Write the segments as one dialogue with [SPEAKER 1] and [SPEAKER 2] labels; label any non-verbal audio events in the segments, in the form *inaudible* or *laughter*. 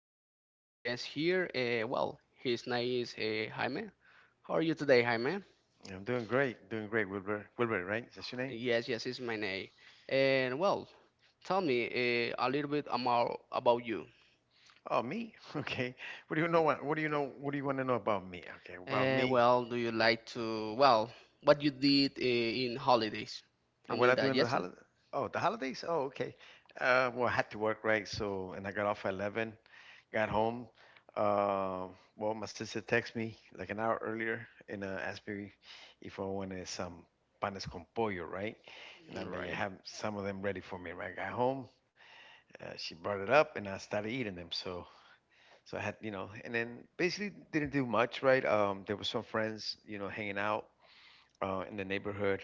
[SPEAKER 1] we have our guest here. Well, his name is Jaime. How are you today, Jaime?
[SPEAKER 2] I'm doing great, Wilbur. Wilbur, right? Is that your name?
[SPEAKER 1] Yes, yes, it's my name. And well, tell me a little bit about you.
[SPEAKER 2] Oh, me. *laughs* Okay. What do you know? What do you know? What do you want to know about me? Okay, about
[SPEAKER 1] Uh,
[SPEAKER 2] me.
[SPEAKER 1] well, do you like to? Well, what you did in holidays? I
[SPEAKER 2] What
[SPEAKER 1] mean
[SPEAKER 2] I do
[SPEAKER 1] that
[SPEAKER 2] in the
[SPEAKER 1] yesterday.
[SPEAKER 2] holiday? Oh, the holidays. Oh, okay. Well, I had to work, right? So, and I got off at 11. Got home. Uh, well, my sister texted me like an hour earlier and asked me if I wanted some panes con pollo, right? And I'm like, I
[SPEAKER 1] Right.
[SPEAKER 2] have some of them ready for me, right? I got home. She brought it up, and I started eating them. So I had, and then basically didn't do much, right? There were some friends, you know, hanging out in the neighborhood.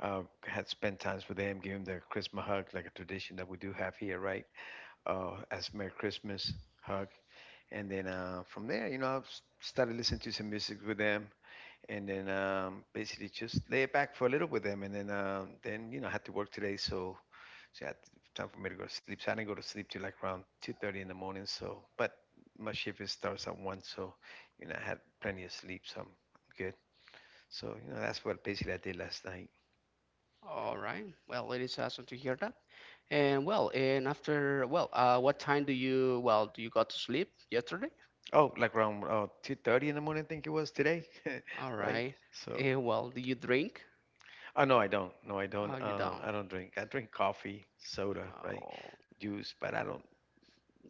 [SPEAKER 2] Had spent times with them, gave them their Christmas hug, like a tradition that we do have here, right? As Merry Christmas hug, and then from there, you know, I started listening to some music with them, and then basically just lay it back for a little with them, and then you know I had to work today, so I had- to- time for me to go to sleep. So I didn't go to sleep till like around 2:30 in the morning. So, but my shift is starts at one, so you know I had plenty of sleep, so I'm good. So you know that's what basically I did last night.
[SPEAKER 1] All right. Well, it is awesome to hear that. And well, and after, well, what time do you, well, do you got to sleep yesterday?
[SPEAKER 2] Oh, like around 2:30 in the morning, I think it was today,
[SPEAKER 1] All
[SPEAKER 2] *laughs* right?
[SPEAKER 1] right.
[SPEAKER 2] So.
[SPEAKER 1] And well, do you drink?
[SPEAKER 2] Oh no, I don't. No, I don't.
[SPEAKER 1] Are you down?
[SPEAKER 2] I don't drink. I drink coffee, soda, right,
[SPEAKER 1] Oh,
[SPEAKER 2] juice, but I don't.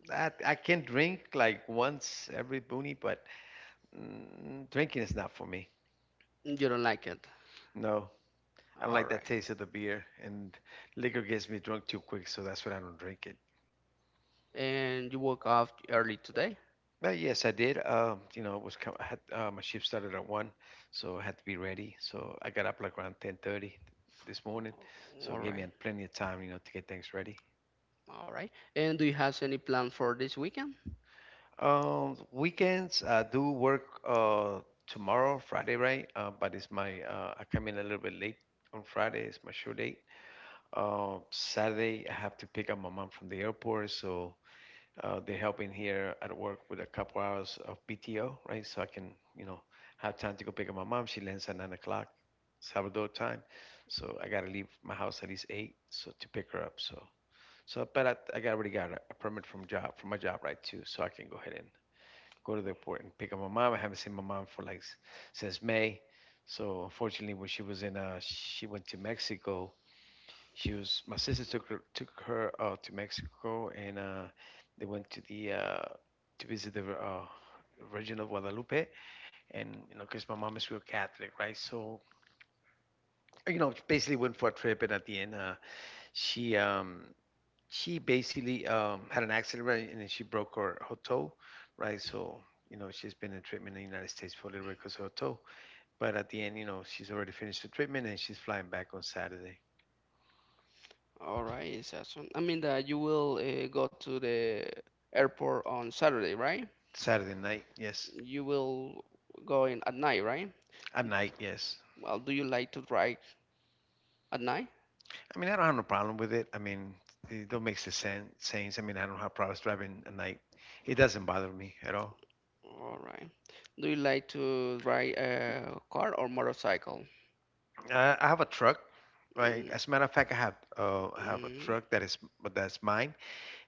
[SPEAKER 2] I can drink like once every boonie, but drinking is not for me.
[SPEAKER 1] you don't like it.
[SPEAKER 2] No, I don't
[SPEAKER 1] All
[SPEAKER 2] like that
[SPEAKER 1] right.
[SPEAKER 2] taste of the beer, and liquor gets me drunk too quick, so that's what I don't drink it.
[SPEAKER 1] And you woke up early today?
[SPEAKER 2] But yes, I did. You know, it was I had, my shift started at one, so I had to be ready. So I got up like around 10:30 this morning, so it
[SPEAKER 1] All
[SPEAKER 2] gave me
[SPEAKER 1] right.
[SPEAKER 2] plenty of time, you know, to get things ready.
[SPEAKER 1] All right. And do you have any plan for this weekend?
[SPEAKER 2] Weekends, I do work tomorrow, Friday, right? But it's my, I come in a little bit late on Friday. It's my show date. Saturday, I have to pick up my mom from the airport. So they're helping here at work with a couple hours of PTO, right? So I can, you know, have time to go pick up my mom. She lands at 9 o'clock, Salvador time. So I got to leave my house at least 8 so to pick her up. So but I already got a permit from job, from my job, right, too. So I can go ahead and go to the airport and pick up my mom. I haven't seen my mom for like since May. So unfortunately, when she was in, she went to Mexico. She was my sister took her to Mexico, and they went to the to visit the Virgin of Guadalupe. And you know, because my mom is real Catholic, right? So you know, basically went for a trip, and at the end, she um, she basically had an accident right, and then she broke her, her toe, right? So you know she's been in treatment in the United States for a little bit because of her toe. But at the end, you know she's already finished the treatment and she's flying back on Saturday,
[SPEAKER 1] All right, it's awesome. I mean that you will go to the airport on Saturday, right?
[SPEAKER 2] Saturday night. Yes,
[SPEAKER 1] You will go in at night, right?
[SPEAKER 2] at night. Yes.
[SPEAKER 1] Well, do you like to drive at night?
[SPEAKER 2] I mean I don't have no problem with it. I mean it don't makes the sense. I mean I don't have problems driving at night. It doesn't bother me at all.
[SPEAKER 1] All right. Do you like to ride a car or motorcycle?
[SPEAKER 2] I have a truck. Right.
[SPEAKER 1] Mm,
[SPEAKER 2] As a matter of fact, I have a
[SPEAKER 1] mm,
[SPEAKER 2] truck that is that's mine.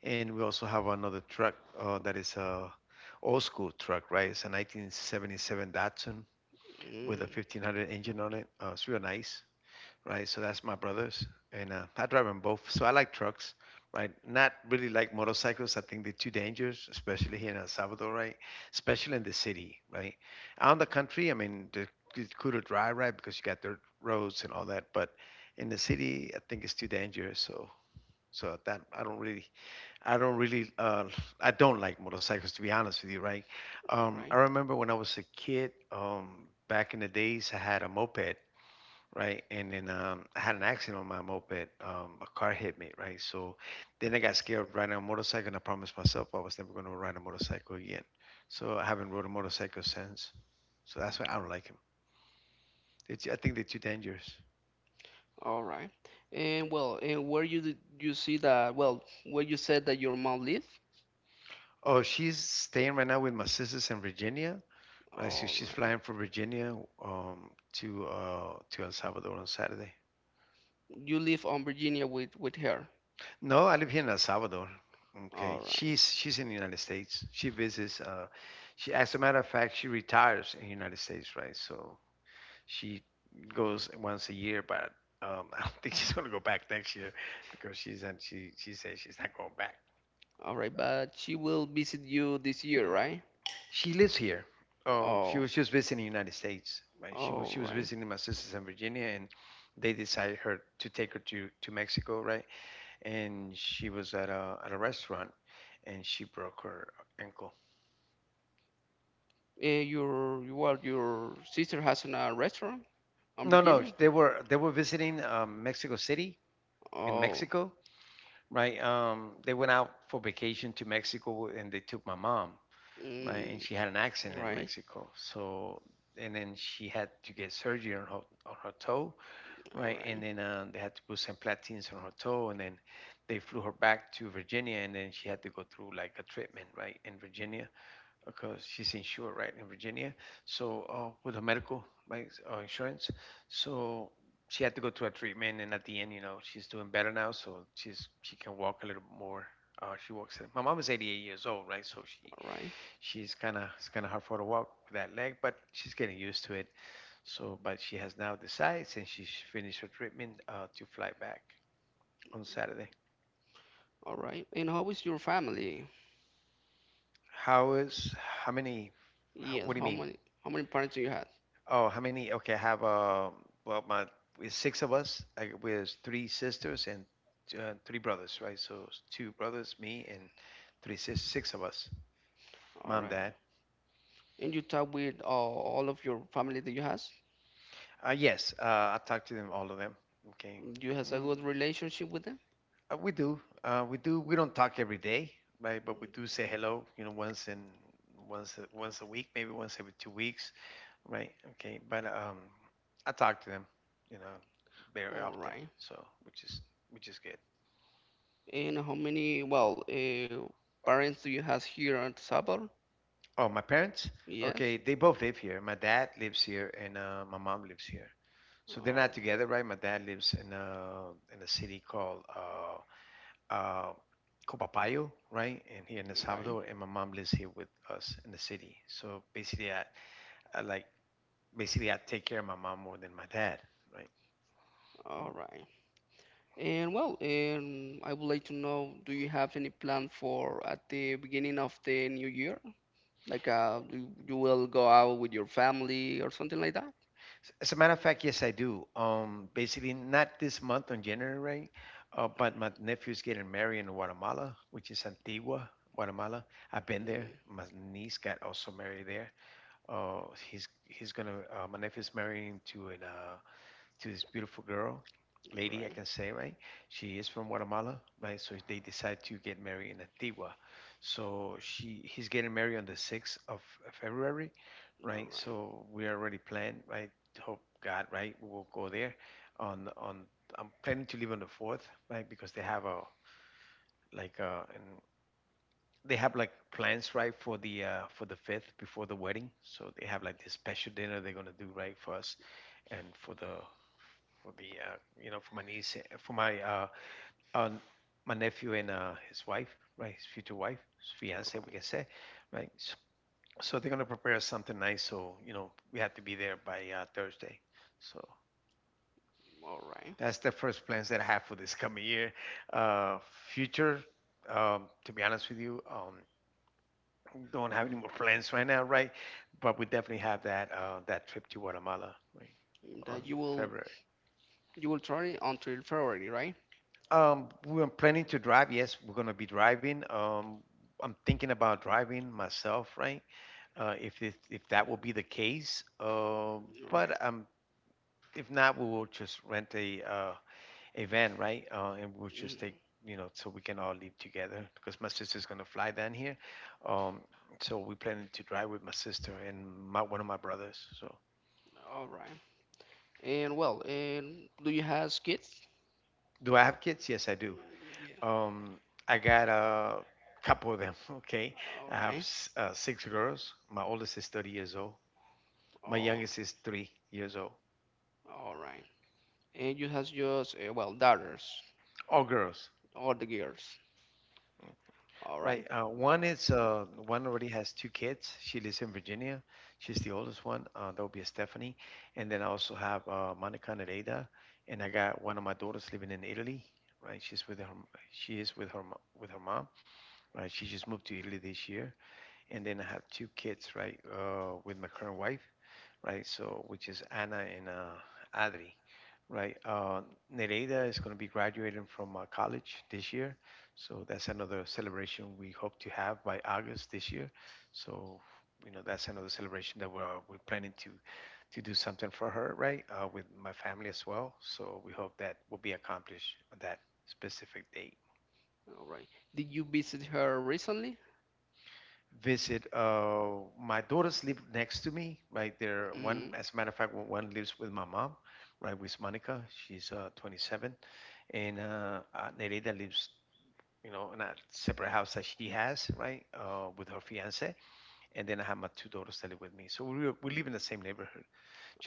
[SPEAKER 2] And we also have another truck that is a old school truck, right? It's a 1977 Datsun with a
[SPEAKER 1] mm,
[SPEAKER 2] 1500 engine on it. It's real nice, right? So that's my brother's, and I drive them both. So I like trucks, right? Not really like motorcycles. I think they're too dangerous, especially here in El Salvador, right? Especially in the city, right? Out in the country, I mean, it's cool to drive, right? Because you got dirt roads and all that. But in the city, I think it's too dangerous. So that I don't really, I don't really, I don't like motorcycles to be honest with you, right?
[SPEAKER 1] all right.
[SPEAKER 2] I remember when I was a kid, back in the days, I had a moped, right? And then I had an accident on my moped. A car hit me, right? So then I got scared of riding a motorcycle, and I promised myself I was never going to ride a motorcycle again. So I haven't rode a motorcycle since. So that's why I don't like them. It's, I think they're too dangerous.
[SPEAKER 1] All right. And well, and where you did you see that? Well, where you said that your mom lives?
[SPEAKER 2] Oh, she's staying right now with my sisters in Virginia. Right, so
[SPEAKER 1] All
[SPEAKER 2] she's
[SPEAKER 1] right.
[SPEAKER 2] flying from Virginia to El Salvador on Saturday.
[SPEAKER 1] You live on Virginia with her.
[SPEAKER 2] No, I live here in El Salvador.
[SPEAKER 1] All
[SPEAKER 2] Okay,
[SPEAKER 1] right.
[SPEAKER 2] she's in the United States. She visits. She, as a matter of fact, she retires in the United States, right? So she goes once a year, but *laughs* I don't think she's gonna go back next year because she's and she says she's not going back.
[SPEAKER 1] All right, but she will visit you this year, right?
[SPEAKER 2] She lives here. Oh, she
[SPEAKER 1] Oh.
[SPEAKER 2] was just visiting the United States. Right? She was she
[SPEAKER 1] All
[SPEAKER 2] was
[SPEAKER 1] right.
[SPEAKER 2] visiting my sisters in Virginia, and they decided her to take her to Mexico, right? And she was at a restaurant, and she broke her ankle.
[SPEAKER 1] Well, your sister has a restaurant on
[SPEAKER 2] No,
[SPEAKER 1] Virginia?
[SPEAKER 2] they were visiting Mexico City in
[SPEAKER 1] Oh.
[SPEAKER 2] Mexico, right? They went out for vacation to Mexico, and they took my mom, right? And
[SPEAKER 1] Mm,
[SPEAKER 2] she had an accident in
[SPEAKER 1] right.
[SPEAKER 2] Mexico, so and then she had to get surgery on her toe.
[SPEAKER 1] All
[SPEAKER 2] Right, and
[SPEAKER 1] right.
[SPEAKER 2] then they had to put some platines on her toe, and then they flew her back to Virginia, and then she had to go through like a treatment, right, in Virginia, because she's insured, right, in Virginia. So with her medical, right, insurance, so she had to go through a treatment, and at the end, you know, she's doing better now, so she can walk a little more. She walks. My mom is 88 years old, right, so she
[SPEAKER 1] All right.
[SPEAKER 2] she's kind of it's kind of hard for her to walk with that leg, but she's getting used to it. So, but she has now decided since she finished her treatment to fly back on Saturday.
[SPEAKER 1] All right. And how is your family?
[SPEAKER 2] How is how many? How,
[SPEAKER 1] Yes.
[SPEAKER 2] what do you
[SPEAKER 1] How
[SPEAKER 2] mean?
[SPEAKER 1] many how many parents do you have?
[SPEAKER 2] Oh, how many? Okay, I have. Well, my with six of us. I, with three sisters and three brothers, right? So it's two brothers, me, and three sis, six of us.
[SPEAKER 1] All
[SPEAKER 2] Mom,
[SPEAKER 1] right.
[SPEAKER 2] dad.
[SPEAKER 1] And you talk with all of your family that you has?
[SPEAKER 2] Yes. I talked to them, all of them. Okay.
[SPEAKER 1] You has a
[SPEAKER 2] Mm.
[SPEAKER 1] good relationship with them?
[SPEAKER 2] We do. We do. We don't talk every day, right? But we do say hello. You know, once in once a week, maybe once every 2 weeks, right? Okay. But I talk to them, you know, very
[SPEAKER 1] All
[SPEAKER 2] often.
[SPEAKER 1] right.
[SPEAKER 2] So which is which is good.
[SPEAKER 1] And how many well, parents do you has here in El Salvador?
[SPEAKER 2] Oh, my parents.
[SPEAKER 1] Yes.
[SPEAKER 2] Okay, they both live here. My dad lives here, and my mom lives here. So they're
[SPEAKER 1] All right.
[SPEAKER 2] not together, right? My dad lives in a city called uh, Copapayo, right? And here in El
[SPEAKER 1] Right.
[SPEAKER 2] Salvador, and my mom lives here with us in the city. So basically, I like basically I take care of my mom more than my dad, right?
[SPEAKER 1] All right. And well, I would like to know, do you have any plan for at the beginning of the new year? Like, do you will go out with your family or something like that?
[SPEAKER 2] As a matter of fact, yes, I do. Basically, not this month on January, right? But my nephew's getting married in Guatemala, which is Antigua, Guatemala. I've been there.
[SPEAKER 1] Mm,
[SPEAKER 2] My niece got also married there. Uh, he's gonna my nephew's marrying to an to this beautiful girl, lady, I
[SPEAKER 1] right.
[SPEAKER 2] can say, right? She is from Guatemala, right? So they decide to get married in Antigua. So she he's getting married on the 6th of February,
[SPEAKER 1] All
[SPEAKER 2] right?
[SPEAKER 1] right.
[SPEAKER 2] So we already planned, right? Hope God, right? We will go there on I'm planning to leave on the 4th, right? Because they have a like and they have like plans right for the 5th before the wedding. So they have like this special dinner they're going to do, right, for us and for the you know, for my niece, for my uh my nephew and his wife, right, his future wife, his fiance we can say, right. So they're gonna prepare something nice, so you know we have to be there by Thursday. So
[SPEAKER 1] All right.
[SPEAKER 2] that's the first plans that I have for this coming year, uh, future, to be honest with you, don't have any more plans right now, right, but we definitely have that that trip to Guatemala, right, on
[SPEAKER 1] That you will
[SPEAKER 2] February.
[SPEAKER 1] you will try it until February, right?
[SPEAKER 2] We're planning to drive. Yes, we're gonna be driving. I'm thinking about driving myself, right? If that will be the case, but
[SPEAKER 1] Right.
[SPEAKER 2] if not, we will just rent a van, right? And we'll just
[SPEAKER 1] Mhm.
[SPEAKER 2] take, you know, so we can all leave together, because my sister's gonna fly down here. Um, so we planning to drive with my sister and my one of my brothers. So,
[SPEAKER 1] All right. And well, and do you have kids?
[SPEAKER 2] do I have kids? Yes, I do.
[SPEAKER 1] Yeah.
[SPEAKER 2] Um, I got a couple of them. *laughs* Okay,
[SPEAKER 1] All
[SPEAKER 2] I have
[SPEAKER 1] right.
[SPEAKER 2] six girls. My oldest is 30 years old. My youngest is 3 years old.
[SPEAKER 1] All right. And you has just, well, daughters,
[SPEAKER 2] All girls,
[SPEAKER 1] all the girls. All
[SPEAKER 2] right?
[SPEAKER 1] right.
[SPEAKER 2] One already has two kids. She lives in Virginia. She's the oldest one. That would be Stephanie. And then I also have Monica and Ada. And I got one of my daughters living in Italy. Right, she's with her. She is with her with her mom. Right, she just moved to Italy this year. And then I have two kids, right, with my current wife, right? So which is Anna and Adri, right? Nereida is going to be graduating from college this year, so that's another celebration we hope to have by August this year. So you know that's another celebration that we're planning to do something for her, right? With my family as well. So we hope that will be accomplished on that specific date.
[SPEAKER 1] All right. Did you visit her recently?
[SPEAKER 2] Visit. My daughters live next to me, right there. One,
[SPEAKER 1] Hmm.
[SPEAKER 2] as a matter of fact, one lives with my mom, right, with Monica. She's 27, and Nereida lives, you know, in a separate house that she has, right, with her fiance. And then I have my two daughters that live with me. So we live in the same neighborhood.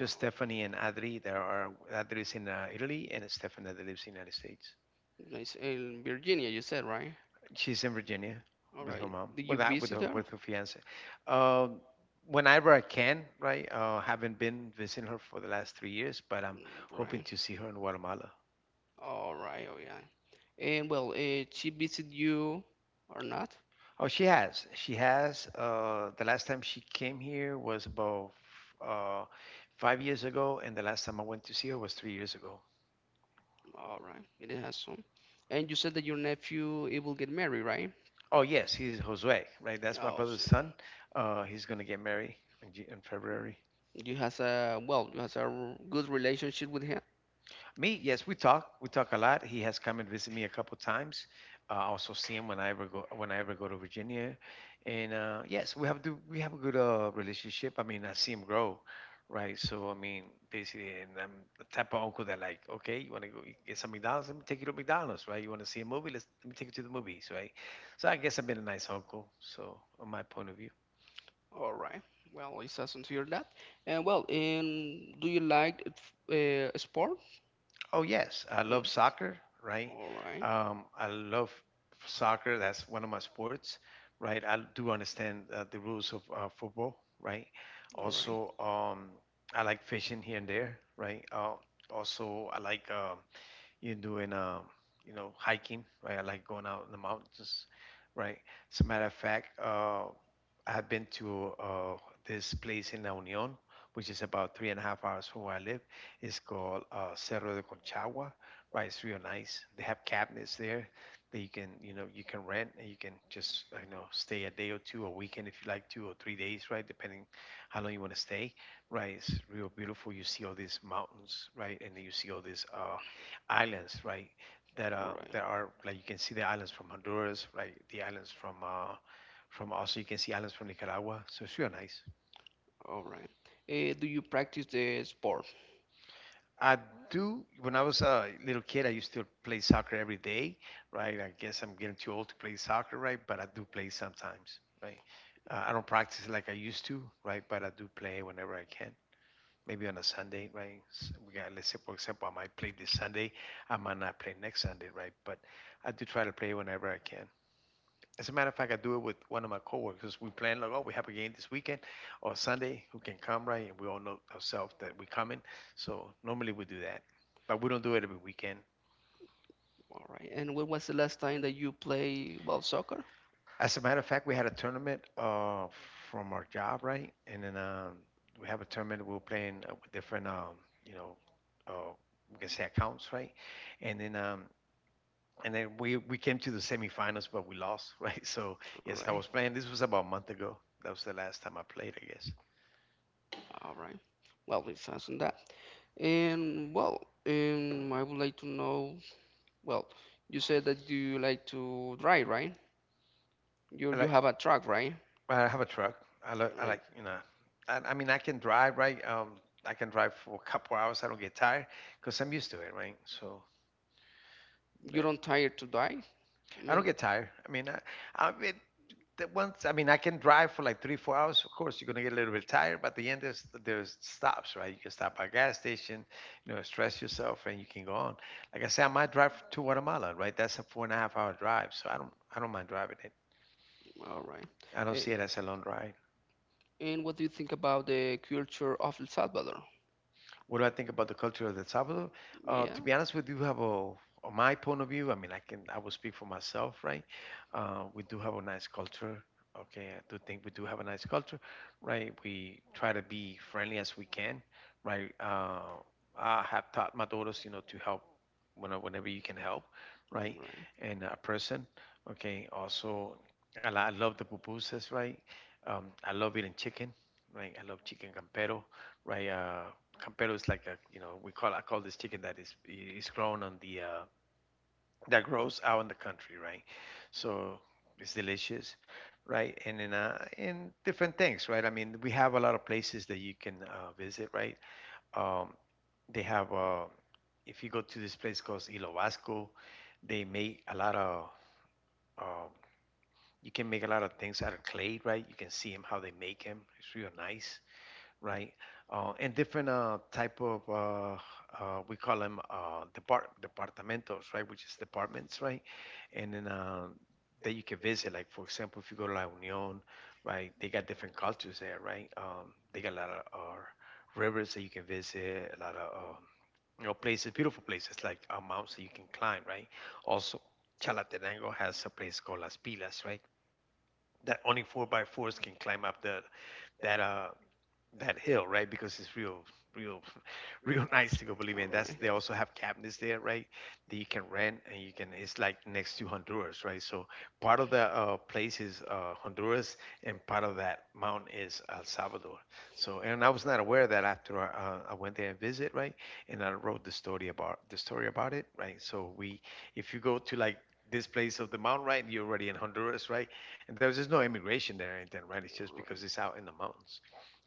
[SPEAKER 1] Oh,
[SPEAKER 2] Stephanie and Adri. There are Adri is in Italy, and Stephanie that lives in the United States.
[SPEAKER 1] they are nice. In Virginia, you said, right?
[SPEAKER 2] She's in Virginia
[SPEAKER 1] All
[SPEAKER 2] with her
[SPEAKER 1] right.
[SPEAKER 2] mom.
[SPEAKER 1] Did you
[SPEAKER 2] Well, not with
[SPEAKER 1] visit
[SPEAKER 2] her,
[SPEAKER 1] her?
[SPEAKER 2] with her fiance. Um, Whenever I can, right? Haven't been visiting her for the last 3 years, but I'm
[SPEAKER 1] Mm,
[SPEAKER 2] hoping
[SPEAKER 1] right.
[SPEAKER 2] to see her in Guatemala.
[SPEAKER 1] All right, oh yeah. And well, she visited you or not?
[SPEAKER 2] Oh, she has. She has. The last time she came here was about uh, 5 years ago, and the last time I went to see her was 3 years ago.
[SPEAKER 1] All right, it has some. And you said that your nephew he will get married, right?
[SPEAKER 2] Oh, yes, he's Josue, right? That's my
[SPEAKER 1] Oh,
[SPEAKER 2] brother's
[SPEAKER 1] so
[SPEAKER 2] son. He's gonna get married in, in
[SPEAKER 1] mm,
[SPEAKER 2] February.
[SPEAKER 1] you has a good relationship with him.
[SPEAKER 2] Me, yes, we talk. We talk a lot. He has come and visited me a couple times. I also see him when I ever go to Virginia, and yes, we have a good relationship. I mean, I see him grow, right? So I mean, basically, and I'm the type of uncle that like, okay, you want to go get some McDonald's? Let me take you to McDonald's, right? You want to see a movie? Let me take you to the movies, right? So I guess I've been a nice uncle. So on my point of view.
[SPEAKER 1] All right. Well, it's awesome to hear that. And well, and do you like sport?
[SPEAKER 2] Oh yes, I
[SPEAKER 1] Mm,
[SPEAKER 2] love soccer, right?
[SPEAKER 1] all right.
[SPEAKER 2] I love soccer. That's one of my sports, right? I do understand the rules of football, right?
[SPEAKER 1] All right.
[SPEAKER 2] Also, I like fishing here and there, right? Also, I like you're doing, um, you know, hiking, right? I like going out in the mountains, right? As a matter of fact, I have been to this place in La Union, which is about three and a half hours from where I live. It's called Cerro de Conchagua, right? It's real nice. They have cabinets there that you can, you know, you can rent and you can just, you know, stay a day or two, a weekend if you like, 2 or 3 days, right? Depending how long you want to stay, right? It's real beautiful. You see all these mountains, right? And then you see all this. Islands, right?
[SPEAKER 1] All
[SPEAKER 2] That
[SPEAKER 1] right.
[SPEAKER 2] are like you can see the islands from Honduras, right? The islands from also you can see islands from Nicaragua. So it's real nice.
[SPEAKER 1] All right. Do you practice the sport?
[SPEAKER 2] I do. When I was a little kid, I used to play soccer every day, right? I guess I'm getting too old to play soccer, right? But I do play sometimes, right? I don't practice like I used to, right? But I do play whenever I can. Maybe on a Sunday, right? We got, let's say, for example, I might play this Sunday. I might not play next Sunday, right? But I do try to play whenever I can. As a matter of fact, I do it with one of my coworkers. We plan like, oh, we have a game this weekend or Sunday. Who can come, right? And we all know ourselves that we're coming. So normally we do that, but we don't do it every weekend.
[SPEAKER 1] All right. And when was the last time that you play well soccer?
[SPEAKER 2] As a matter of fact, we had a tournament from our job, right? And then we have a tournament. We were playing with different, you know, uh, we can say accounts, right? And then we came to the semifinals, but we lost, *laughs* right? So
[SPEAKER 1] All
[SPEAKER 2] yes, I
[SPEAKER 1] right.
[SPEAKER 2] was playing. This was about a month ago. That was the last time I played, I guess.
[SPEAKER 1] All right. Well, we sounds on that. And well, I would like to know. Well, you said that you like to drive, right? You
[SPEAKER 2] I
[SPEAKER 1] you
[SPEAKER 2] like
[SPEAKER 1] have a truck, right?
[SPEAKER 2] I have a truck. I
[SPEAKER 1] Right.
[SPEAKER 2] like, you know, I mean I can drive, right. I can drive for a couple hours. I don't get tired because I'm used to it, right? So
[SPEAKER 1] You
[SPEAKER 2] eh,
[SPEAKER 1] don't tire to drive?
[SPEAKER 2] I
[SPEAKER 1] I
[SPEAKER 2] don't get tired. I mean, I mean, the once I mean I can drive for like 3 4 hours. Of course, you're gonna get a little bit tired, but at the end there's stops, right? You can stop at a gas station, you know, stress yourself, and you can go on. Like I said, I might drive to Guatemala, right? That's a four and a half hour drive, so I don't mind driving it.
[SPEAKER 1] all right.
[SPEAKER 2] I don't
[SPEAKER 1] Eh,
[SPEAKER 2] see it as a long drive.
[SPEAKER 1] And what do you think about the culture of El Salvador?
[SPEAKER 2] What do I think about the culture of El Salvador? To
[SPEAKER 1] Yeah,
[SPEAKER 2] be honest with you, we have a
[SPEAKER 1] all
[SPEAKER 2] on my
[SPEAKER 1] right,
[SPEAKER 2] point of view. I
[SPEAKER 1] all
[SPEAKER 2] mean, I will speak for myself, right? We do have a nice culture. Okay, I do think we do have a nice culture, right? We try to be friendly as we can, right? I have taught my daughters, you know, to help whenever you can help,
[SPEAKER 1] right,
[SPEAKER 2] right?
[SPEAKER 1] all right.
[SPEAKER 2] And a person, okay. Also, I love the pupusas, right? I love eating chicken, right? I love chicken campero, right? Campero is like a, you know, we call I call this chicken that is grown on the that grows out in the country, right? So it's delicious, right? And then and different things, right? I mean, we have a lot of places that you can visit, right? Um, they have if you go to this place called Hilo Vasco, they make a lot of um, you can make a lot of things out of clay, right? You can see them how they make them. It's real nice, right? And different type of we call them departamentos, right? Which is departments, right? And then that you can visit. Like for example, if you go to La Union, right? They got different cultures there, right? They got a lot of rivers that you can visit, a lot of you know, places, beautiful places like mountains that you can climb, right? Also, Chalatenango has a place called Las Pilas, right? That only four by fours can climb up the that that hill, right? Because it's real, real, *laughs* real nice to go. Believe me, and that's they also have cabins there, right? That you can rent, and you can. It's like next to Honduras, right? So part of the place is Honduras, and part of that mountain is El Salvador. So, and I was not aware of that after I went there and visit, right? And I wrote the story about it, right? So we, if you go to like this place of the mountain, right? You're already in Honduras, right? And there's just no immigration there or anything, right? It's just because it's out in the mountains.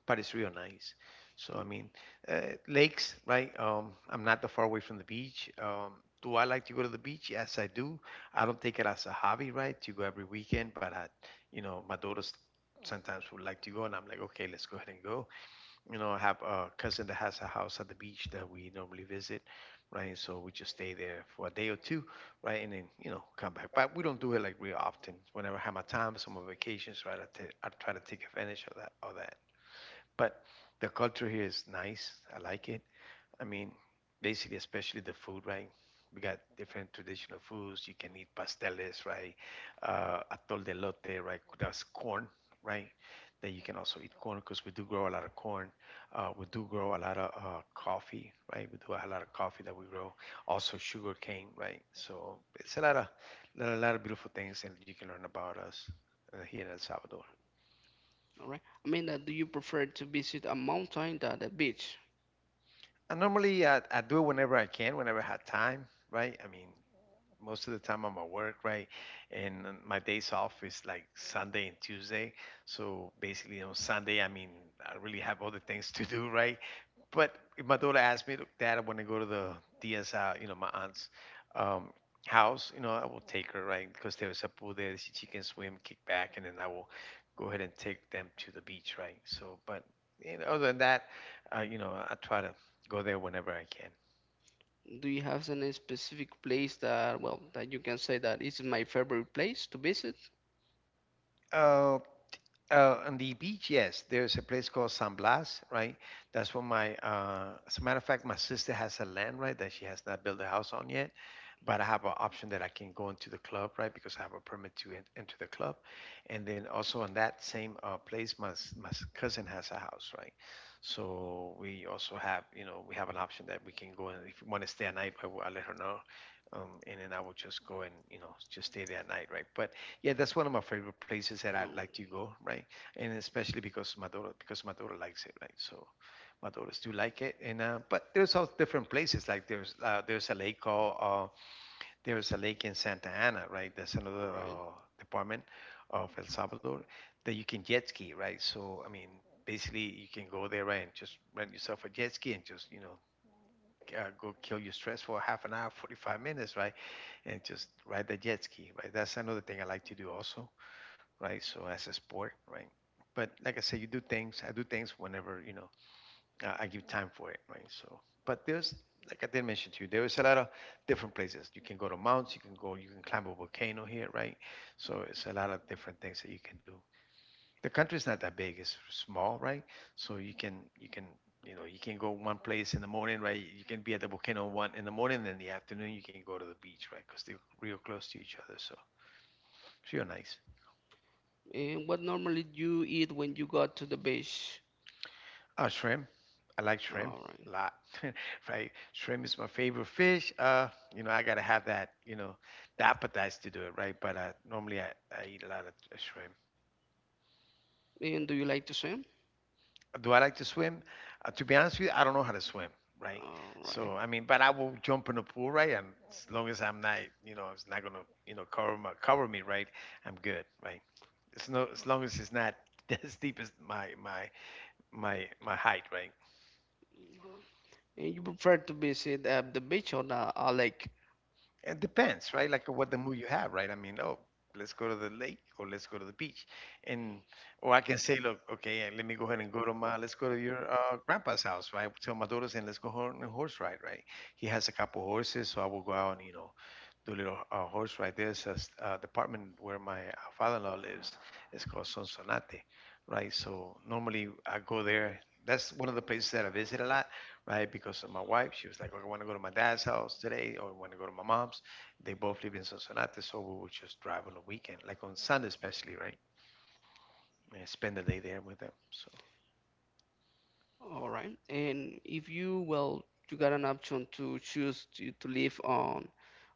[SPEAKER 2] But it's real nice. So I mean, lakes, right? I'm not that far away from the beach. Do I like to go to the beach? Yes, I do. I don't take it as a hobby, right? To go every weekend, but I, my daughters sometimes would like to go, and I'm like, okay, let's go ahead and go. I have a cousin that has a house at the beach that we normally visit, right? So we just stay there for a day or two, right? And then, come back. But we don't do it like real often. Whenever I have my time, some on vacations, right? I try to take advantage of that, But the culture here is nice. I like it. I mean, basically, especially the food, right? We got different traditional foods. You can eat pasteles, right? Atol de lote, right? That's corn, right? That you can also eat corn because we do grow a lot of corn. We do grow a lot of coffee, right? We do a lot of coffee that we grow. Also sugar cane, right? So it's a lot of beautiful things, and you can learn about us here in El Salvador.
[SPEAKER 1] All right. I mean, do you prefer to visit a mountain than a beach?
[SPEAKER 2] And normally I do it whenever I can, whenever I have time, right? I mean, most of the time I'm at work, right? And my days off is like Sunday and Tuesday. So basically on Sunday, I mean, I really have other things to do, right? But if my daughter asked me, "Look, Dad, when I go to the DSI, my aunt's um, house, I will take her, right? Because there is a pool there. She can swim, kick back, and then I will go ahead and take them to the beach, right? So, other than that, I try to go there whenever I can.
[SPEAKER 1] Do you have any specific place that, well, that you can say that is my favorite place to visit?
[SPEAKER 2] Uh, on the beach, yes, there's a place called San Blas, right? That's where as a matter of fact, my sister has a land, right, that she has not built a house on yet. But I have an option that I can go into the club, right, because I have a permit to enter the club. And then also on that same place, cousin has a house, right? So we also have an option that we can go, and if you want to stay at night, I'll let her know. And then I will just go and, just stay there at night, right? But yeah, that's one of my favorite places that I'd like to go, right? And especially because my daughter likes it, right? So my daughters do like it, and but there's all different places. Like there's a lake called there's a lake in Santa Ana, right? That's another
[SPEAKER 1] All right.
[SPEAKER 2] department of El Salvador that you can jet ski, right? So I mean, basically you can go there, right, and just rent yourself a jet ski and just. Go kill your stress for half an hour, 45 minutes, right? And just ride the jet ski, right? That's another thing I like to do also, right? So as a sport, right? But like I said, you do things. I do things whenever I give time for it, right? So, but there's like I did mention to you, there is a lot of different places. You can go to mountains. You can go. You can climb a volcano here, right? So it's a lot of different things that you can do. The country's not that big. It's small, right? So you can go one place in the morning, right? You can be at the volcano 1 in the morning, and in the afternoon you can go to the beach, right? Because they're real close to each other. So it's real nice.
[SPEAKER 1] And what normally do you eat when you got to the beach?
[SPEAKER 2] Oh, shrimp. I like shrimp
[SPEAKER 1] All
[SPEAKER 2] a
[SPEAKER 1] right.
[SPEAKER 2] lot. *laughs* Right? Shrimp is my favorite fish. I gotta have that, the appetite to do it, right? But normally I eat a lot of shrimp.
[SPEAKER 1] And do you like to swim?
[SPEAKER 2] Do I like to swim? To be honest with you, I don't know how to swim, right?
[SPEAKER 1] All right.
[SPEAKER 2] So I mean, but I will jump in the pool, right? And as long as I'm not, it's not gonna, cover me, right? I'm good, right? It's no, as long as it's not *laughs* as deep as my height, right?
[SPEAKER 1] Mm-hmm. And you prefer to visit at the beach or the lake?
[SPEAKER 2] It depends, right? Like what the mood you have, right? I mean, oh, let's go to the lake or let's go to the beach, and or I can say, look, okay, let me go ahead and let's go to your grandpa's house, right? Tell my daughters and let's go on a horse ride, right? He has a couple horses, so I will go out and do a little horse ride. There's a department where my father-in-law lives. It's called Sonsonate, right? So normally I go there. That's one of the places that I visit a lot, right? Because of my wife, she was like, "Okay, I want to go to my dad's house today, or I want to go to my mom's." They both live in Sonsonate, so we would just drive on the weekend, like on Sunday especially, right? And spend the day there with them. So,
[SPEAKER 1] All right. And if you, well, you got an option to choose to live on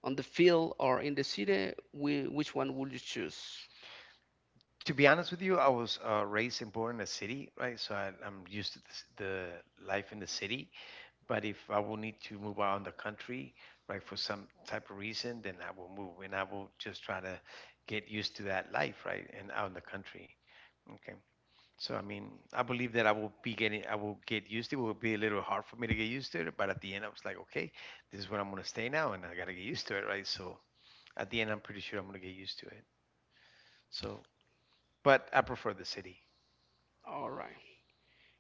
[SPEAKER 1] the field or in the city, which one would you choose?
[SPEAKER 2] to be honest with you, I was raised and born in a city, right? So I'm used to the life in the city. But if I will need to move out in the country, right, for some type of reason, then I will move, and I will just try to get used to that life, right, and out in the country. Okay. So I mean, I believe that I will get used to it. It will be a little hard for me to get used to it, but at the end, I was like, okay, this is where I'm gonna stay now, and I gotta get used to it, right? So at the end, I'm pretty sure I'm gonna get used to it. So, but I prefer the city.
[SPEAKER 1] All right.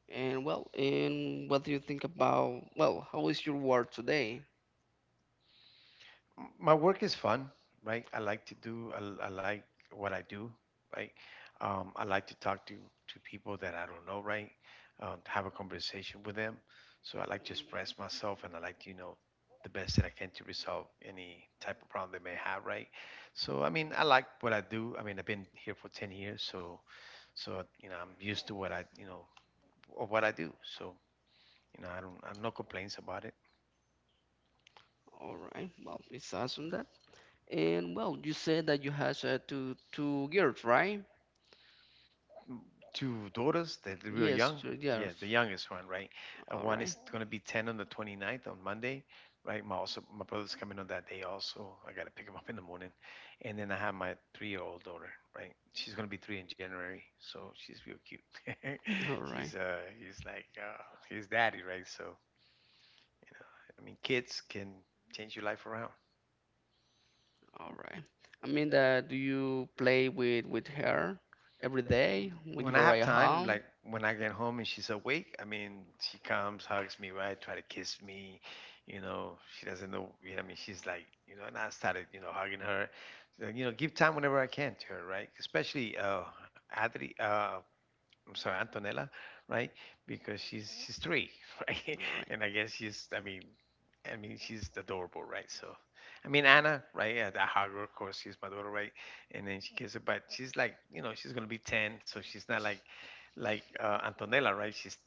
[SPEAKER 1] And well, and what do you think about, well, how is your work today?
[SPEAKER 2] My work is fun, right? I like what I do, right? I like to talk to people that I don't know, right? To have a conversation with them. So I like to express myself, and I like to, the best that I can to resolve any type of problem they may have, right? So I mean, I like what I do. I mean, I've been here for 10 years, so I'm used to what I, you know, of what I do. So I don't, I have no complaints about it.
[SPEAKER 1] All right, well, it's awesome that. And well, you said that you had two girls, right?
[SPEAKER 2] Two daughters that are real
[SPEAKER 1] Yes,
[SPEAKER 2] young.
[SPEAKER 1] two
[SPEAKER 2] Yeah,
[SPEAKER 1] girls.
[SPEAKER 2] the youngest one, right?
[SPEAKER 1] All
[SPEAKER 2] One
[SPEAKER 1] right,
[SPEAKER 2] is going to be 10 on the 29th on Monday, right? My brother's coming on that day also. I got to pick him up in the morning. And then I have my 3-year-old daughter, right? She's going to be 3 in January, so she's real cute.
[SPEAKER 1] all
[SPEAKER 2] *laughs*
[SPEAKER 1] right,
[SPEAKER 2] She's like his daddy, right? So, I mean, kids can change your life around.
[SPEAKER 1] all right. I mean that do you play with her every day when
[SPEAKER 2] When
[SPEAKER 1] you
[SPEAKER 2] I have
[SPEAKER 1] arrive
[SPEAKER 2] time,
[SPEAKER 1] home?
[SPEAKER 2] like when I get home and she's awake, I mean, she comes, hugs me, right? Try to kiss me. She doesn't know. I mean, she's like, and I started, hugging her. So, give time whenever I can to her, right? Especially Adri, I'm sorry, Antonella, right? Because she's 3, right?
[SPEAKER 1] All
[SPEAKER 2] *laughs*
[SPEAKER 1] right,
[SPEAKER 2] And I guess she's I mean she's adorable, right? So I mean Anna, right? I hug her, of course, she's my daughter, right? And then she kisses her, but she's like she's gonna be 10, so she's not like Antonella, right? She's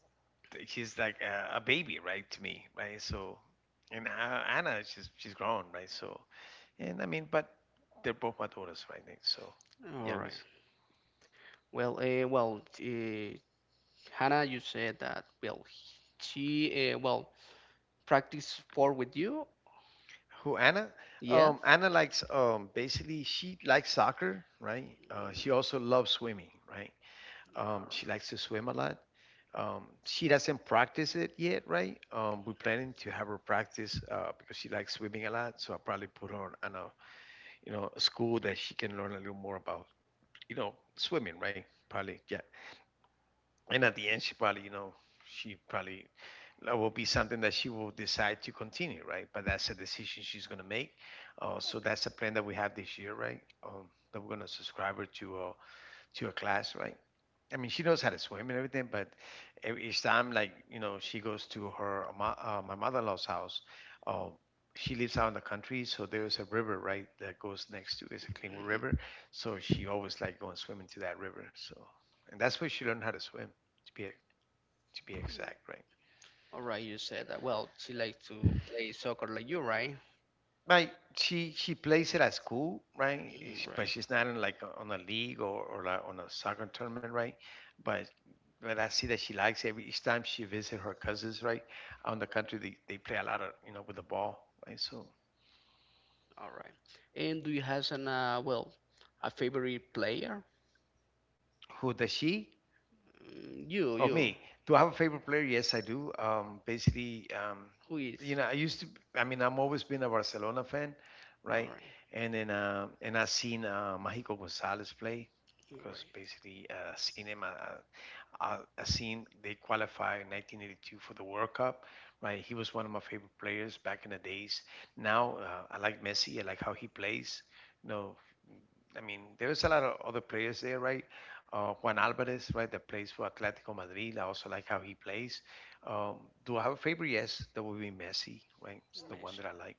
[SPEAKER 2] she's like a baby, right? To me, right? So and Anna, she's grown, right? So and I mean, but they're both my daughters, right? So
[SPEAKER 1] all right.
[SPEAKER 2] youngest.
[SPEAKER 1] Well, Hannah, you said that. Well, she, well, practice sport with you.
[SPEAKER 2] Who Anna?
[SPEAKER 1] Yeah.
[SPEAKER 2] Anna likes basically she likes soccer, right? She also loves swimming, right? She likes to swim a lot. She doesn't practice it yet, right? We're planning to have her practice because she likes swimming a lot. So I'll probably put her on a you know a school that she can learn a little more about swimming, right? Probably yeah. And at the end, she probably that will be something that she will decide to continue, right? But that's a decision she's going to make. So that's a plan that we have this year, right? That we're going to subscribe her to to a class, right? I mean, she knows how to swim and everything, but each time, like she goes to her my mother-in-law's house. Uh, she lives out in the country, so there's a river right that goes next to. It's
[SPEAKER 1] Mm.
[SPEAKER 2] a Cleanwood
[SPEAKER 1] Alright.
[SPEAKER 2] River,
[SPEAKER 1] Mm.
[SPEAKER 2] so she always like going swimming to that river. So, and that's where she learned how to swim, to be exact, right?
[SPEAKER 1] All right, you said that. Well, she likes to play soccer like you, right?
[SPEAKER 2] Like she plays it at school, right? Eh,
[SPEAKER 1] Mm,
[SPEAKER 2] she- But
[SPEAKER 1] right.
[SPEAKER 2] she's not in like on a league or like on a soccer tournament, right? But but I see that she likes every each time she visit her cousins, right? On the country, they play a lot of with the ball, right? So
[SPEAKER 1] All right. And do you have an well, a favorite player?
[SPEAKER 2] who does she?
[SPEAKER 1] Mm, you,
[SPEAKER 2] Oh,
[SPEAKER 1] you.
[SPEAKER 2] me. Do I have a favorite player? Yes, I do. Basically,
[SPEAKER 1] Who is? All
[SPEAKER 2] I
[SPEAKER 1] right,
[SPEAKER 2] used to. I
[SPEAKER 1] all right.
[SPEAKER 2] mean, I'm always been a Barcelona fan, right? And then, and I've seen Mágico González play because basically I've seen him. I've seen they qualified in 1982 for the World Cup, right? He was one of my favorite players back in the days. Now I like Messi. I like how he plays. You know, I mean, there's a lot of other players there, right? Juan Alvarez, right, that plays for Atletico Madrid. I also like how he plays. Um, do I have a favorite? Yes, that would be Messi, right? It's the one
[SPEAKER 1] Messi.
[SPEAKER 2] that I like.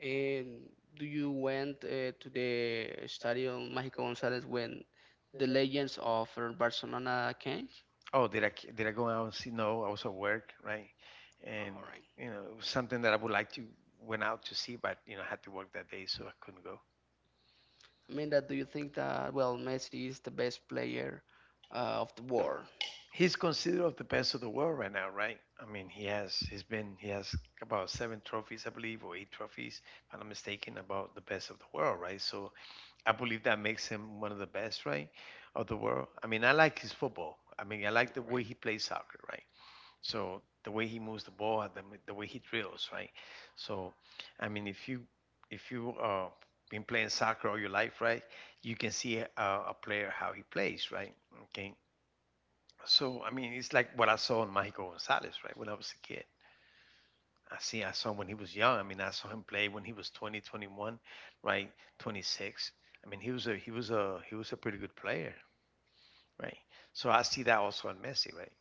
[SPEAKER 1] And do you went to the Estadio Mágico González when the legends of Barcelona came?
[SPEAKER 2] Oh, did I go out and see? No, I was at work, right? And
[SPEAKER 1] All right.
[SPEAKER 2] it was something that I would like to went out to see, but I had to work that day, so I couldn't go.
[SPEAKER 1] I mean that do you think that well Messi is the best player of the world?
[SPEAKER 2] He's considered of the best of the world right now, right? I mean, he has about seven trophies, I believe, or eight trophies, if I'm not mistaken, about the best of the world, right? So I believe that makes him one of the best, right, of the world. I mean, I like his football. I mean, I like the way
[SPEAKER 1] Right.
[SPEAKER 2] he plays soccer, right? So the way he moves the ball, the way he drills, right? So, I mean, if you been playing soccer all your life, right? You can see a player how he plays, right? Okay. So I mean, it's like what I saw in Mexico Gonzalez, right? When I was a kid, I saw him when he was young. I mean, I saw him play when he was 20, 21, right? 26. I mean, he was a he was a he was a pretty good player, right? So I see that also in Messi, right?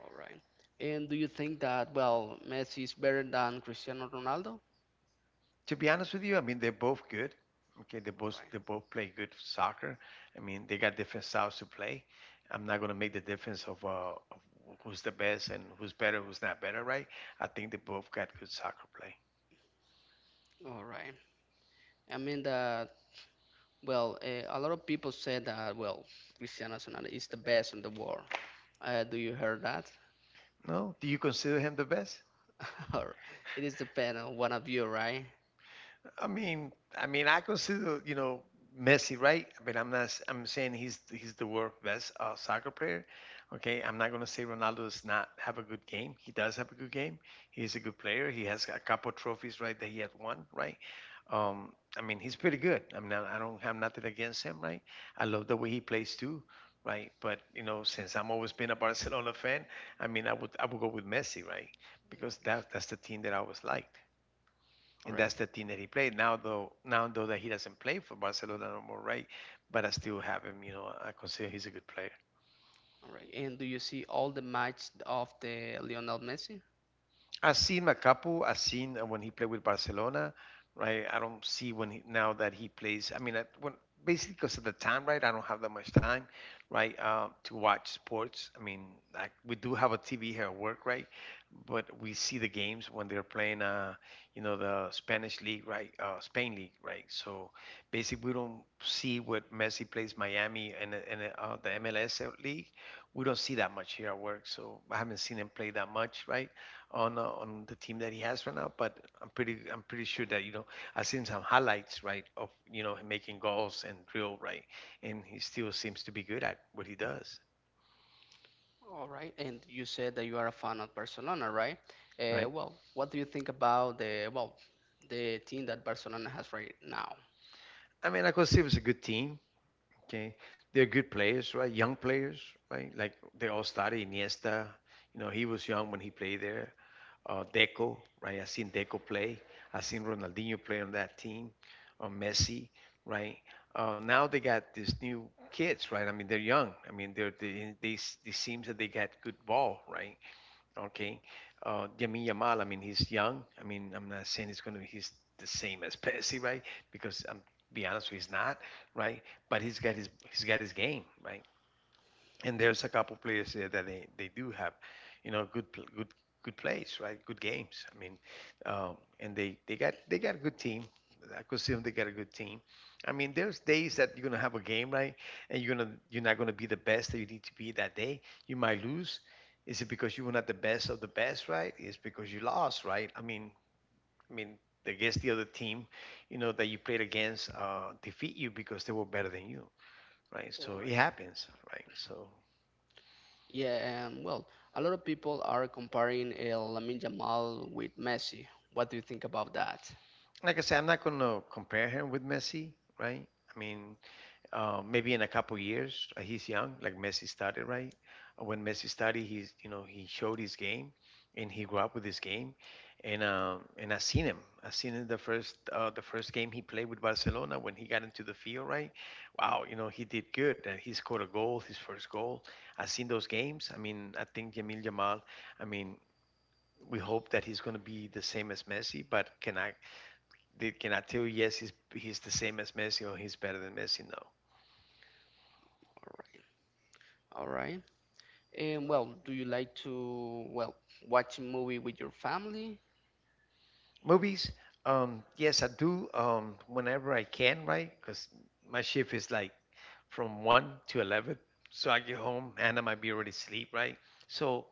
[SPEAKER 1] All right. And do you think that, well, Messi is better than Cristiano Ronaldo?
[SPEAKER 2] To be honest with you, I mean they're both good. Okay, they both
[SPEAKER 1] Right.
[SPEAKER 2] they both play good soccer. I mean they got different styles to play. I'm not gonna make the difference of, of who's the best and who's better, who's not better, right? I think they both got good soccer play.
[SPEAKER 1] All right. I mean that, well, a lot of people say that, well, Cristiano Ronaldo is the best in the world. Do you hear that?
[SPEAKER 2] No, do you consider him the best?
[SPEAKER 1] *laughs* Or it is depend on one of you, right?
[SPEAKER 2] I consider Messi, right? But I'm not. I'm saying he's the world best soccer player. Okay, I'm not gonna say Ronaldo does not have a good game. He does have a good game. He is a good player. He has a couple trophies, right, that he had won, right? I mean, he's pretty good. I mean, I don't have nothing against him, right? I love the way he plays too, right? But since I'm always been a *laughs* Barcelona fan, I mean, I would go with Messi, right? Because that's the team that I always liked
[SPEAKER 1] All
[SPEAKER 2] and
[SPEAKER 1] right.
[SPEAKER 2] that's the team that he played. Now though that he doesn't play for Barcelona no more, right? But I still have him. You know, I consider he's a good player.
[SPEAKER 1] All right. And do you see all the match of the Lionel Messi?
[SPEAKER 2] I've seen Macapu. I've seen when he played with Barcelona, right? I don't see now that he plays. I mean, basically because of the time, right? I don't have that much time, right, to watch sports. I mean, like we do have a TV here at work, right? But we see the games when they're playing, the Spanish league, right? Spain league, right? So basically, we don't see what Messi plays Miami and the MLS league. We don't see that much here at work, so I haven't seen him play that much, right, on the team that he has right now. But I'm pretty sure that I've seen some highlights right of him making goals and drill right, and he still seems to be good at what he does,
[SPEAKER 1] All right, and you said that you are a fan of Barcelona, right? Uh,
[SPEAKER 2] right?
[SPEAKER 1] well, what do you think about the well, the team that Barcelona has right now?
[SPEAKER 2] I mean, I could see it was a good team. Okay, they're good players, right? Young players, right? Like they all started Iniesta. You know, he was young when he played there. Deco, right? I seen Deco play. I seen Ronaldinho play on that team, Messi, right? Now they got these new kids, right? I mean, they're young. I mean, they seems that they got good ball, right? Okay, Yamin Yamal. I mean, he's young. I mean, I'm not saying he's the same as *laughs* Messi, right? Because I'm be honest, he's not, right? But he's got his game, right, and there's a couple players there that they do have, you know, good pl- good good plays, right? Good games. I mean, and they got a good team. I could see them. They got a good team. I mean, there's days that you're gonna have a game, right? And you're not gonna be the best that you need to be that day. You might lose. Is it because you were not the best of the best, right? It's because you lost, right? I mean, I guess the other team, that you played against, defeat you because they were better than you, right?
[SPEAKER 1] All
[SPEAKER 2] So it
[SPEAKER 1] right.
[SPEAKER 2] happens, right? So
[SPEAKER 1] Yeah, well, a lot of people are comparing Lamine Yamal with Messi. What do you think about that?
[SPEAKER 2] like I said, I'm not going to compare him with Messi, right? I mean, maybe in a couple years, he's young, like Messi started, right? When Messi started, he's you know he showed his game, and he grew up with his game, and and I seen him. I seen him the first game he played with Barcelona when he got into the field, right? Wow, he did good. And he scored a goal, his first goal. I seen those games. I mean, I think Yamil Jamal. I mean, we hope that he's going to be the same as Messi, but can I they cannot tell you yes he's the same as Messi or he's better than Messi. No.
[SPEAKER 1] All right. All right. And well, do you like to well watch a movie with your family?
[SPEAKER 2] Movies, yes I do whenever I can, right? Because my shift is like from 1 to 11, so I get home Anna might be already asleep, right? So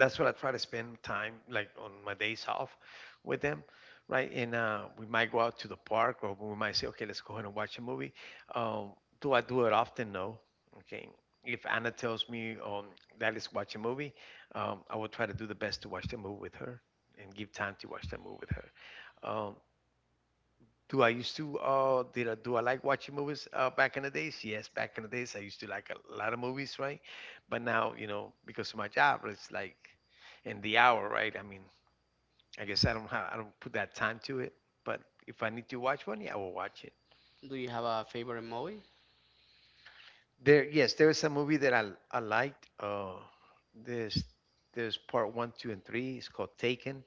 [SPEAKER 2] that's what I try to spend time like on my days off with them, right? And we might go out to the park, or we might say, okay, let's go ahead and watch a movie. Um, do I do it often? No. Okay. If Anna tells me that let's watch a movie, I will try to do the best to watch the movie with her and give time to watch that movie with her. Um, do I used to did I, do I like watching movies back in the days? Yes, back in the days I used to like a lot of movies, right? But now because of my job, it's like in the hour, right? I mean, I guess I don't put that time to it. But if I need to watch one, yeah, I will watch it.
[SPEAKER 1] Do you have a favorite movie?
[SPEAKER 2] Yes, there is a movie that I liked. There's there's part one, two, and three. It's called Taken.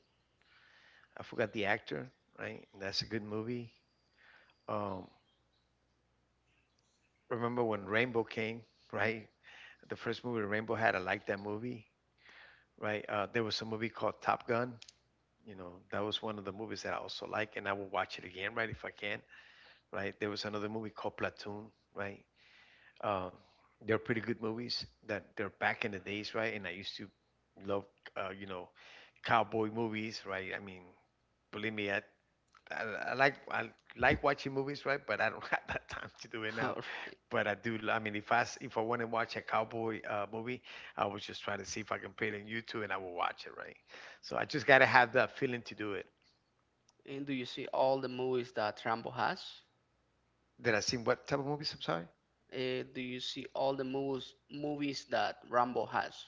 [SPEAKER 2] I forgot the actor, right? That's a good movie. Um, remember when Rainbow came, right? The first movie Rainbow had. I liked that movie, right? There was a movie called Top Gun. That was one of the movies that I also like, and I will watch it again, right, if I can, right? There was another movie called Platoon, right? Uh, they're pretty good movies that they're back in the days, right? And I used to love, uh, you know, cowboy movies, right? I mean, believe me, I, I like watching movies, right? But I
[SPEAKER 1] *laughs*
[SPEAKER 2] don't *laughs* have that time to do it now.
[SPEAKER 1] All right.
[SPEAKER 2] But I do. I mean, if I want to watch a cowboy movie, I would just try to see if I can put it on YouTube, and I will watch it, right? So I just gotta have that feeling to do it.
[SPEAKER 1] And do you see all the movies that Rambo has?
[SPEAKER 2] Did I seen what type of movies? I'm sorry.
[SPEAKER 1] Do you see all the movies that Rambo has?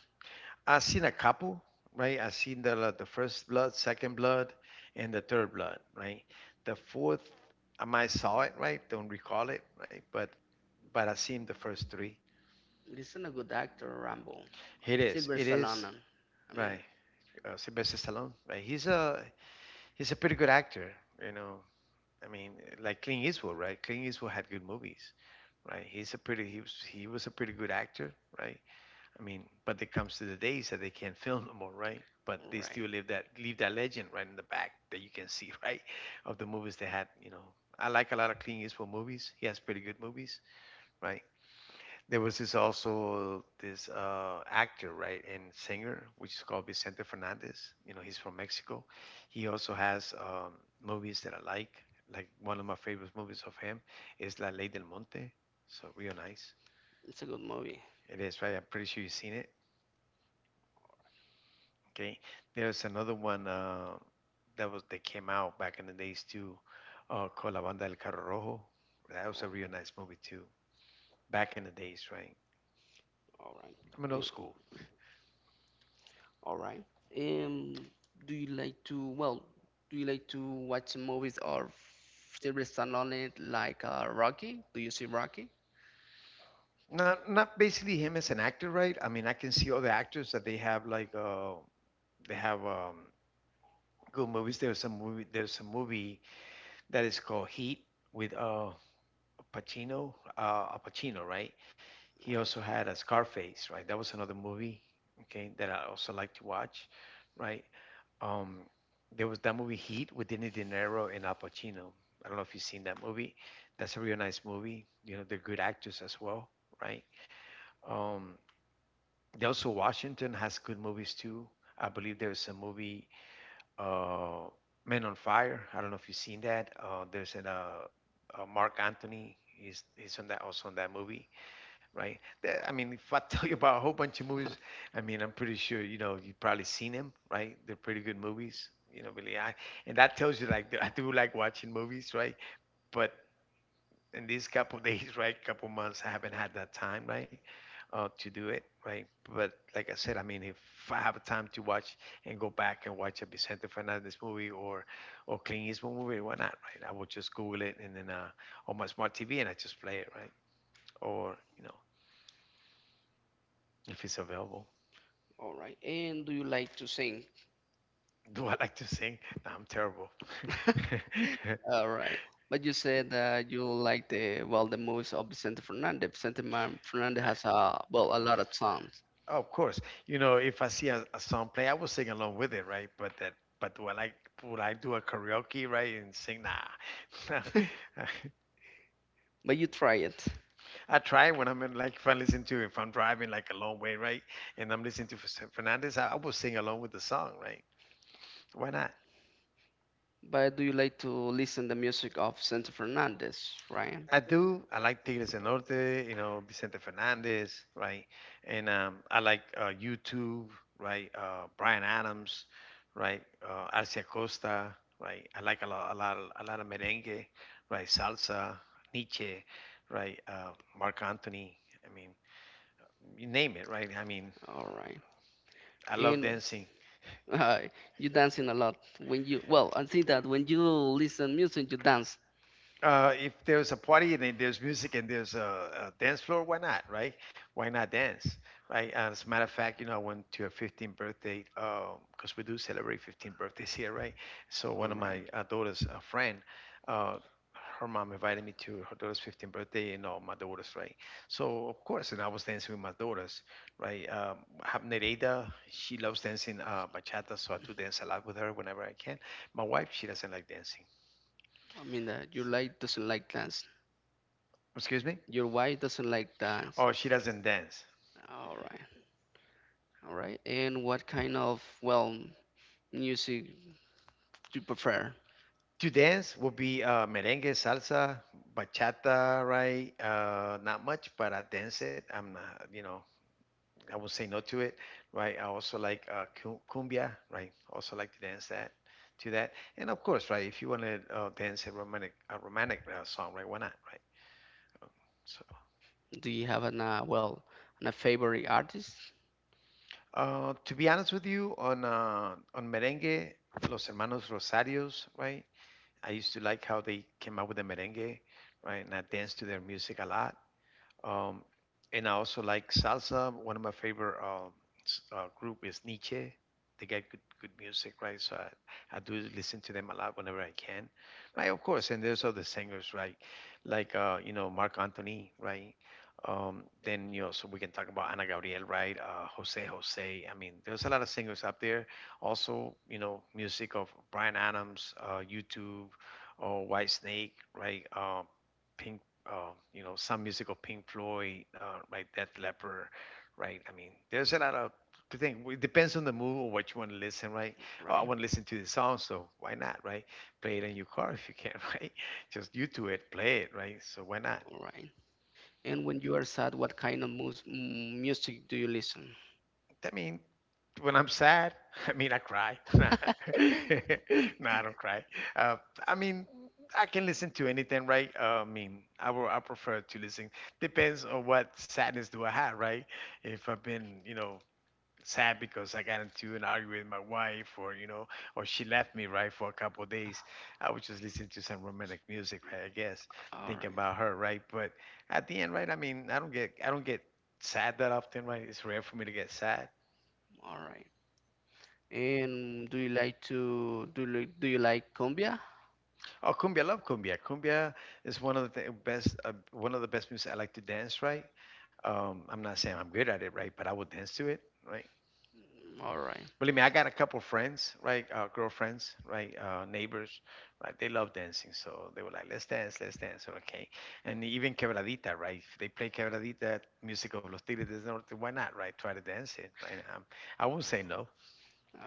[SPEAKER 2] I seen a couple, right? I seen the first blood, second blood, and the third blood, right? The fourth, I might saw it, right? Don't recall it, right? But I seen the first three.
[SPEAKER 1] It isn't a good actor, Rambo.
[SPEAKER 2] It is.
[SPEAKER 1] Silver
[SPEAKER 2] It is.
[SPEAKER 1] Stallone. I mean,
[SPEAKER 2] Right. Sylvester Stallone. Right? He's a pretty good actor. You know, I mean, like Clint Eastwood, right? Clint Eastwood had good movies, right? He was a pretty good actor, right? I mean, but it comes to the days that they can't *laughs* film no more, right? But they
[SPEAKER 1] right?
[SPEAKER 2] still leave that legend right in the back that you can see, *laughs* right, of the movies they had. You know, I like a lot of Clint Eastwood movies. He has pretty good movies, right? There was this also this actor, right, and singer, which is called Vicente Fernandez. You know, he's from Mexico. He also has movies that I like. Like one of my favorite movies of him is La Ley del Monte. So real nice.
[SPEAKER 1] It's a good movie.
[SPEAKER 2] It is, right? I'm pretty sure you've seen it. Okay. There's another one that came out back in the days too, called La Banda del Carro Rojo. That was a real nice movie too. Back in the days, right?
[SPEAKER 1] All right.
[SPEAKER 2] I'm an
[SPEAKER 1] All
[SPEAKER 2] old
[SPEAKER 1] right.
[SPEAKER 2] school.
[SPEAKER 1] All right. Um, do you like to well? Do you like to watch movies or Silver Stallone like Rocky? Do you see Rocky?
[SPEAKER 2] Not basically him as an actor, right? I mean, I can see other actors that they have they have um good movies. There's a movie that is called Heat with Al Pacino, right?
[SPEAKER 1] Right.
[SPEAKER 2] He also had a Scarface, right? That was another movie, okay, that I also like to watch, right? Um there was that movie Heat with Danny De Niro and Al Pacino. I don't know if you've seen that movie. That's a real nice movie. You know, they're good actors as well, right? Um Also, Washington has good movies too. I believe there's a movie, uh, Men on Fire. I don't know if you've seen that. There's an Mark Anthony. He's on that movie, right? That, I mean, if I *laughs* tell you about a whole bunch of movies, I mean, I'm pretty sure you've probably seen them, right? They're pretty good movies, you know. Really, I and that tells you like that I do like watching movies, right? But in these couple *laughs* days, right? Couple months, I haven't had that time, right? To do it, right? But like I said, I mean, if I have time to watch and go back and watch a Vicente Fernandez movie or Clint Eastwood movie, why not, right? I will just Google it and then on my smart TV and I just play it, right? Or you know, if it's available. *laughs*
[SPEAKER 1] All right. And do you like to sing?
[SPEAKER 2] Do I like to sing? No, I'm terrible.
[SPEAKER 1] *laughs* All right. But you said that you like the well the movies of Vicente Fernandez. Fernandez
[SPEAKER 2] *laughs* I,
[SPEAKER 1] has a well a lot of songs.
[SPEAKER 2] Oh, of course. You know, if I see a song play, I will sing along with it, right? But that, but do I like, Would I do a karaoke, right, and sing? Nah. *laughs*
[SPEAKER 1] But you try it.
[SPEAKER 2] I try when I'm in, if I'm driving like a long way, right, and I'm listening to Fernandez, I will sing along with the song, right? Why not?
[SPEAKER 1] But do you like to listen the music of Vicente Fernandez, Ryan?
[SPEAKER 2] I do. I like Tigres del Norte, you know, Vicente Fernandez, right? And I like YouTube, right? Brian Adams, right? Arcia Costa, right? I like a lot, a lot, a lot of merengue, right? Salsa, Nietzsche, right? Mark Anthony. I mean, you name it, right? I mean,
[SPEAKER 1] All right.
[SPEAKER 2] I
[SPEAKER 1] I
[SPEAKER 2] love
[SPEAKER 1] and
[SPEAKER 2] dancing.
[SPEAKER 1] *laughs* uh, you dancing a lot when you well I think that when you listen music you dance.
[SPEAKER 2] If there's a party and then there's music and there's a dance floor, why not, right? Why not dance, right? And as a matter of fact, you know, I went to a 15th birthday because we do celebrate 15th birthdays here, right? So
[SPEAKER 1] All
[SPEAKER 2] one of
[SPEAKER 1] right.
[SPEAKER 2] my daughter's friend, uh, her mom invited me to her daughter's 15th birthday and all my daughters, right? So of course, and I was dancing with my daughters, right? I have Nereida, she loves dancing bachata, so I do dance a lot with her whenever I can. My wife, she doesn't like dancing.
[SPEAKER 1] Well, I mean that your light doesn't like
[SPEAKER 2] So.
[SPEAKER 1] dance.
[SPEAKER 2] Excuse me?
[SPEAKER 1] Your wife doesn't like dance.
[SPEAKER 2] Oh, she doesn't dance.
[SPEAKER 1] All right. All right. And what kind of well music do you prefer?
[SPEAKER 2] To dance would be merengue, salsa, bachata, right? Not much, but I dance it. I'm not, you know, I won't say no to it, right? I also like cumbia, right? Also like to dance to that, and of course, right? If you want to dance a romantic song, right? Why not, right? Um, So,
[SPEAKER 1] Do you have an a favorite artist?
[SPEAKER 2] uh, to be honest with you, on on merengue, Los Hermanos Rosarios, right? I used to like how they came up with the merengue, right? And I danced to their music a lot. Um, and I also like salsa. One of my favorite group is Nietzsche. They got good music, right? So I do listen to them a lot whenever I can. Right, of course. And there's other singers, right? Like Marc Anthony, right? So we can talk about Ana Gabriel, right? Jose Jose. I mean, there's a lot of singers up there. Also, you know, music of Brian Adams, YouTube, or White Snake, right? Pink some music of Pink Floyd, right? Death Leopard, right? I mean, there's a lot of thing. It depends on the mood or what you want to listen, right? Oh, I
[SPEAKER 1] Right.
[SPEAKER 2] want to listen to the song, so why not, right? Play it in your car if you can, *laughs* right? Just you do it, play it, right? So why not?
[SPEAKER 1] All right. And when you are sad, what kind of music do you listen?
[SPEAKER 2] I mean, when I'm sad, *laughs* I mean, I cry. *laughs*
[SPEAKER 1] *laughs*
[SPEAKER 2] No, I don't cry. Uh, I mean, I can listen to anything, right? I mean, I prefer to listen. Depends on what sadness do I have, right? If I've been, sad because I got into an argument with my wife, or she left me, right, for a couple of days, I would just listen to some romantic music, right? I guess
[SPEAKER 1] All
[SPEAKER 2] thinking
[SPEAKER 1] right.
[SPEAKER 2] about her, right? But at the end, right? I mean, I don't get sad that often, right? It's rare for me to get sad.
[SPEAKER 1] All right. And do you like to do you, do you like cumbia?
[SPEAKER 2] Oh, cumbia, I love cumbia. Cumbia is one of the best music I like to dance, right? I'm not saying I'm good at it, right? But I will dance to it, right?
[SPEAKER 1] All right.
[SPEAKER 2] Believe me, I got a couple friends, right? Girlfriends, right? Neighbors, right? They love dancing, so they were like, "Let's dance, let's dance." Or, okay, and even quebradita, right? If they play quebradita, music of Los Tigres del Norte, why not, right? Try to dance it, right? I won't say no.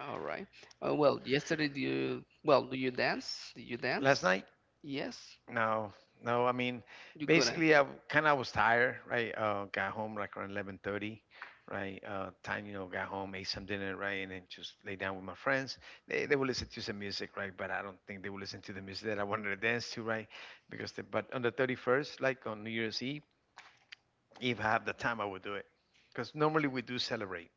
[SPEAKER 1] All right. Well, yesterday, do you, well, do you dance? Did you
[SPEAKER 2] Last
[SPEAKER 1] dance?
[SPEAKER 2] night,
[SPEAKER 1] Yes,
[SPEAKER 2] no, no. I mean,
[SPEAKER 1] you couldn't.
[SPEAKER 2] basically, I kind of was tired, right? Got home like around 11:30, right? Time, got home, ate some dinner, right, and then just lay down with my friends. They will listen to some music, right? But I don't think they will listen to the music that I wanted to dance to, right? But on the 31st, like on New Year's Eve, if I have the time, I will do it. Because normally we do celebrate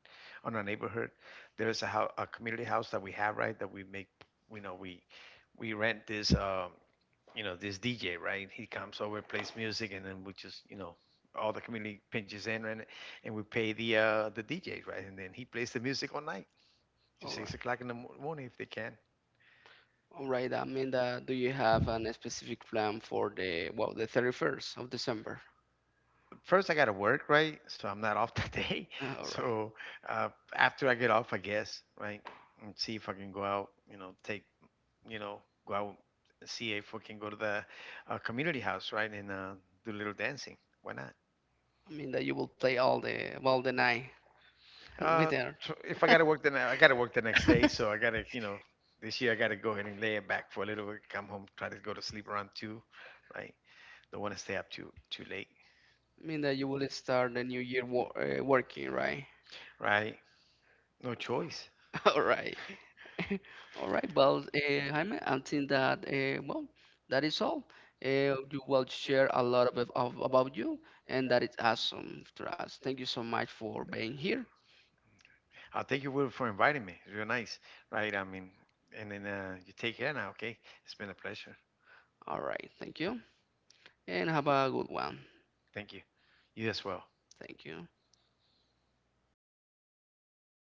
[SPEAKER 2] on our neighborhood. There is a community house that we have, right? That we make, you know, we rent this. You know this DJ, right? He comes over, plays music, and then we just all the community pinches in and we pay the DJ, right? And then he plays the music all night to
[SPEAKER 1] All
[SPEAKER 2] six
[SPEAKER 1] right.
[SPEAKER 2] o'clock in the morning if they can.
[SPEAKER 1] All right, Amanda, do you have an specific plan for the, well, the 31st of December?
[SPEAKER 2] First, I gotta work, right? So I'm not *laughs* off that day.
[SPEAKER 1] Ah, all right.
[SPEAKER 2] So uh, after I get off, I guess, right? And see if I can go out, you know, you know, go out, and see if we can go to the community house, right, and do a little dancing. Why not?
[SPEAKER 1] I mean that you will play all the, well, the night *laughs*
[SPEAKER 2] Uh,
[SPEAKER 1] with her.
[SPEAKER 2] if I gotta work then I gotta work the next day, so I gotta you know this year I gotta go ahead and lay it back for a little bit. Come home, try to go to sleep around two, right? Don't want to stay up too late,
[SPEAKER 1] I mean that you will start the new year wo working, right?
[SPEAKER 2] right? No choice.
[SPEAKER 1] *laughs* All right. *laughs* All right, well, Jaime, I think that well, that is all. You will share a lot of about you, and that is awesome for us. Thank you so much for being here.
[SPEAKER 2] I'll thank you Will, for inviting me. It's real nice, right? I mean, and then you take care now, okay? It's been a pleasure.
[SPEAKER 1] All right, thank you, and have a good one.
[SPEAKER 2] Thank you. You as well.
[SPEAKER 1] Thank you.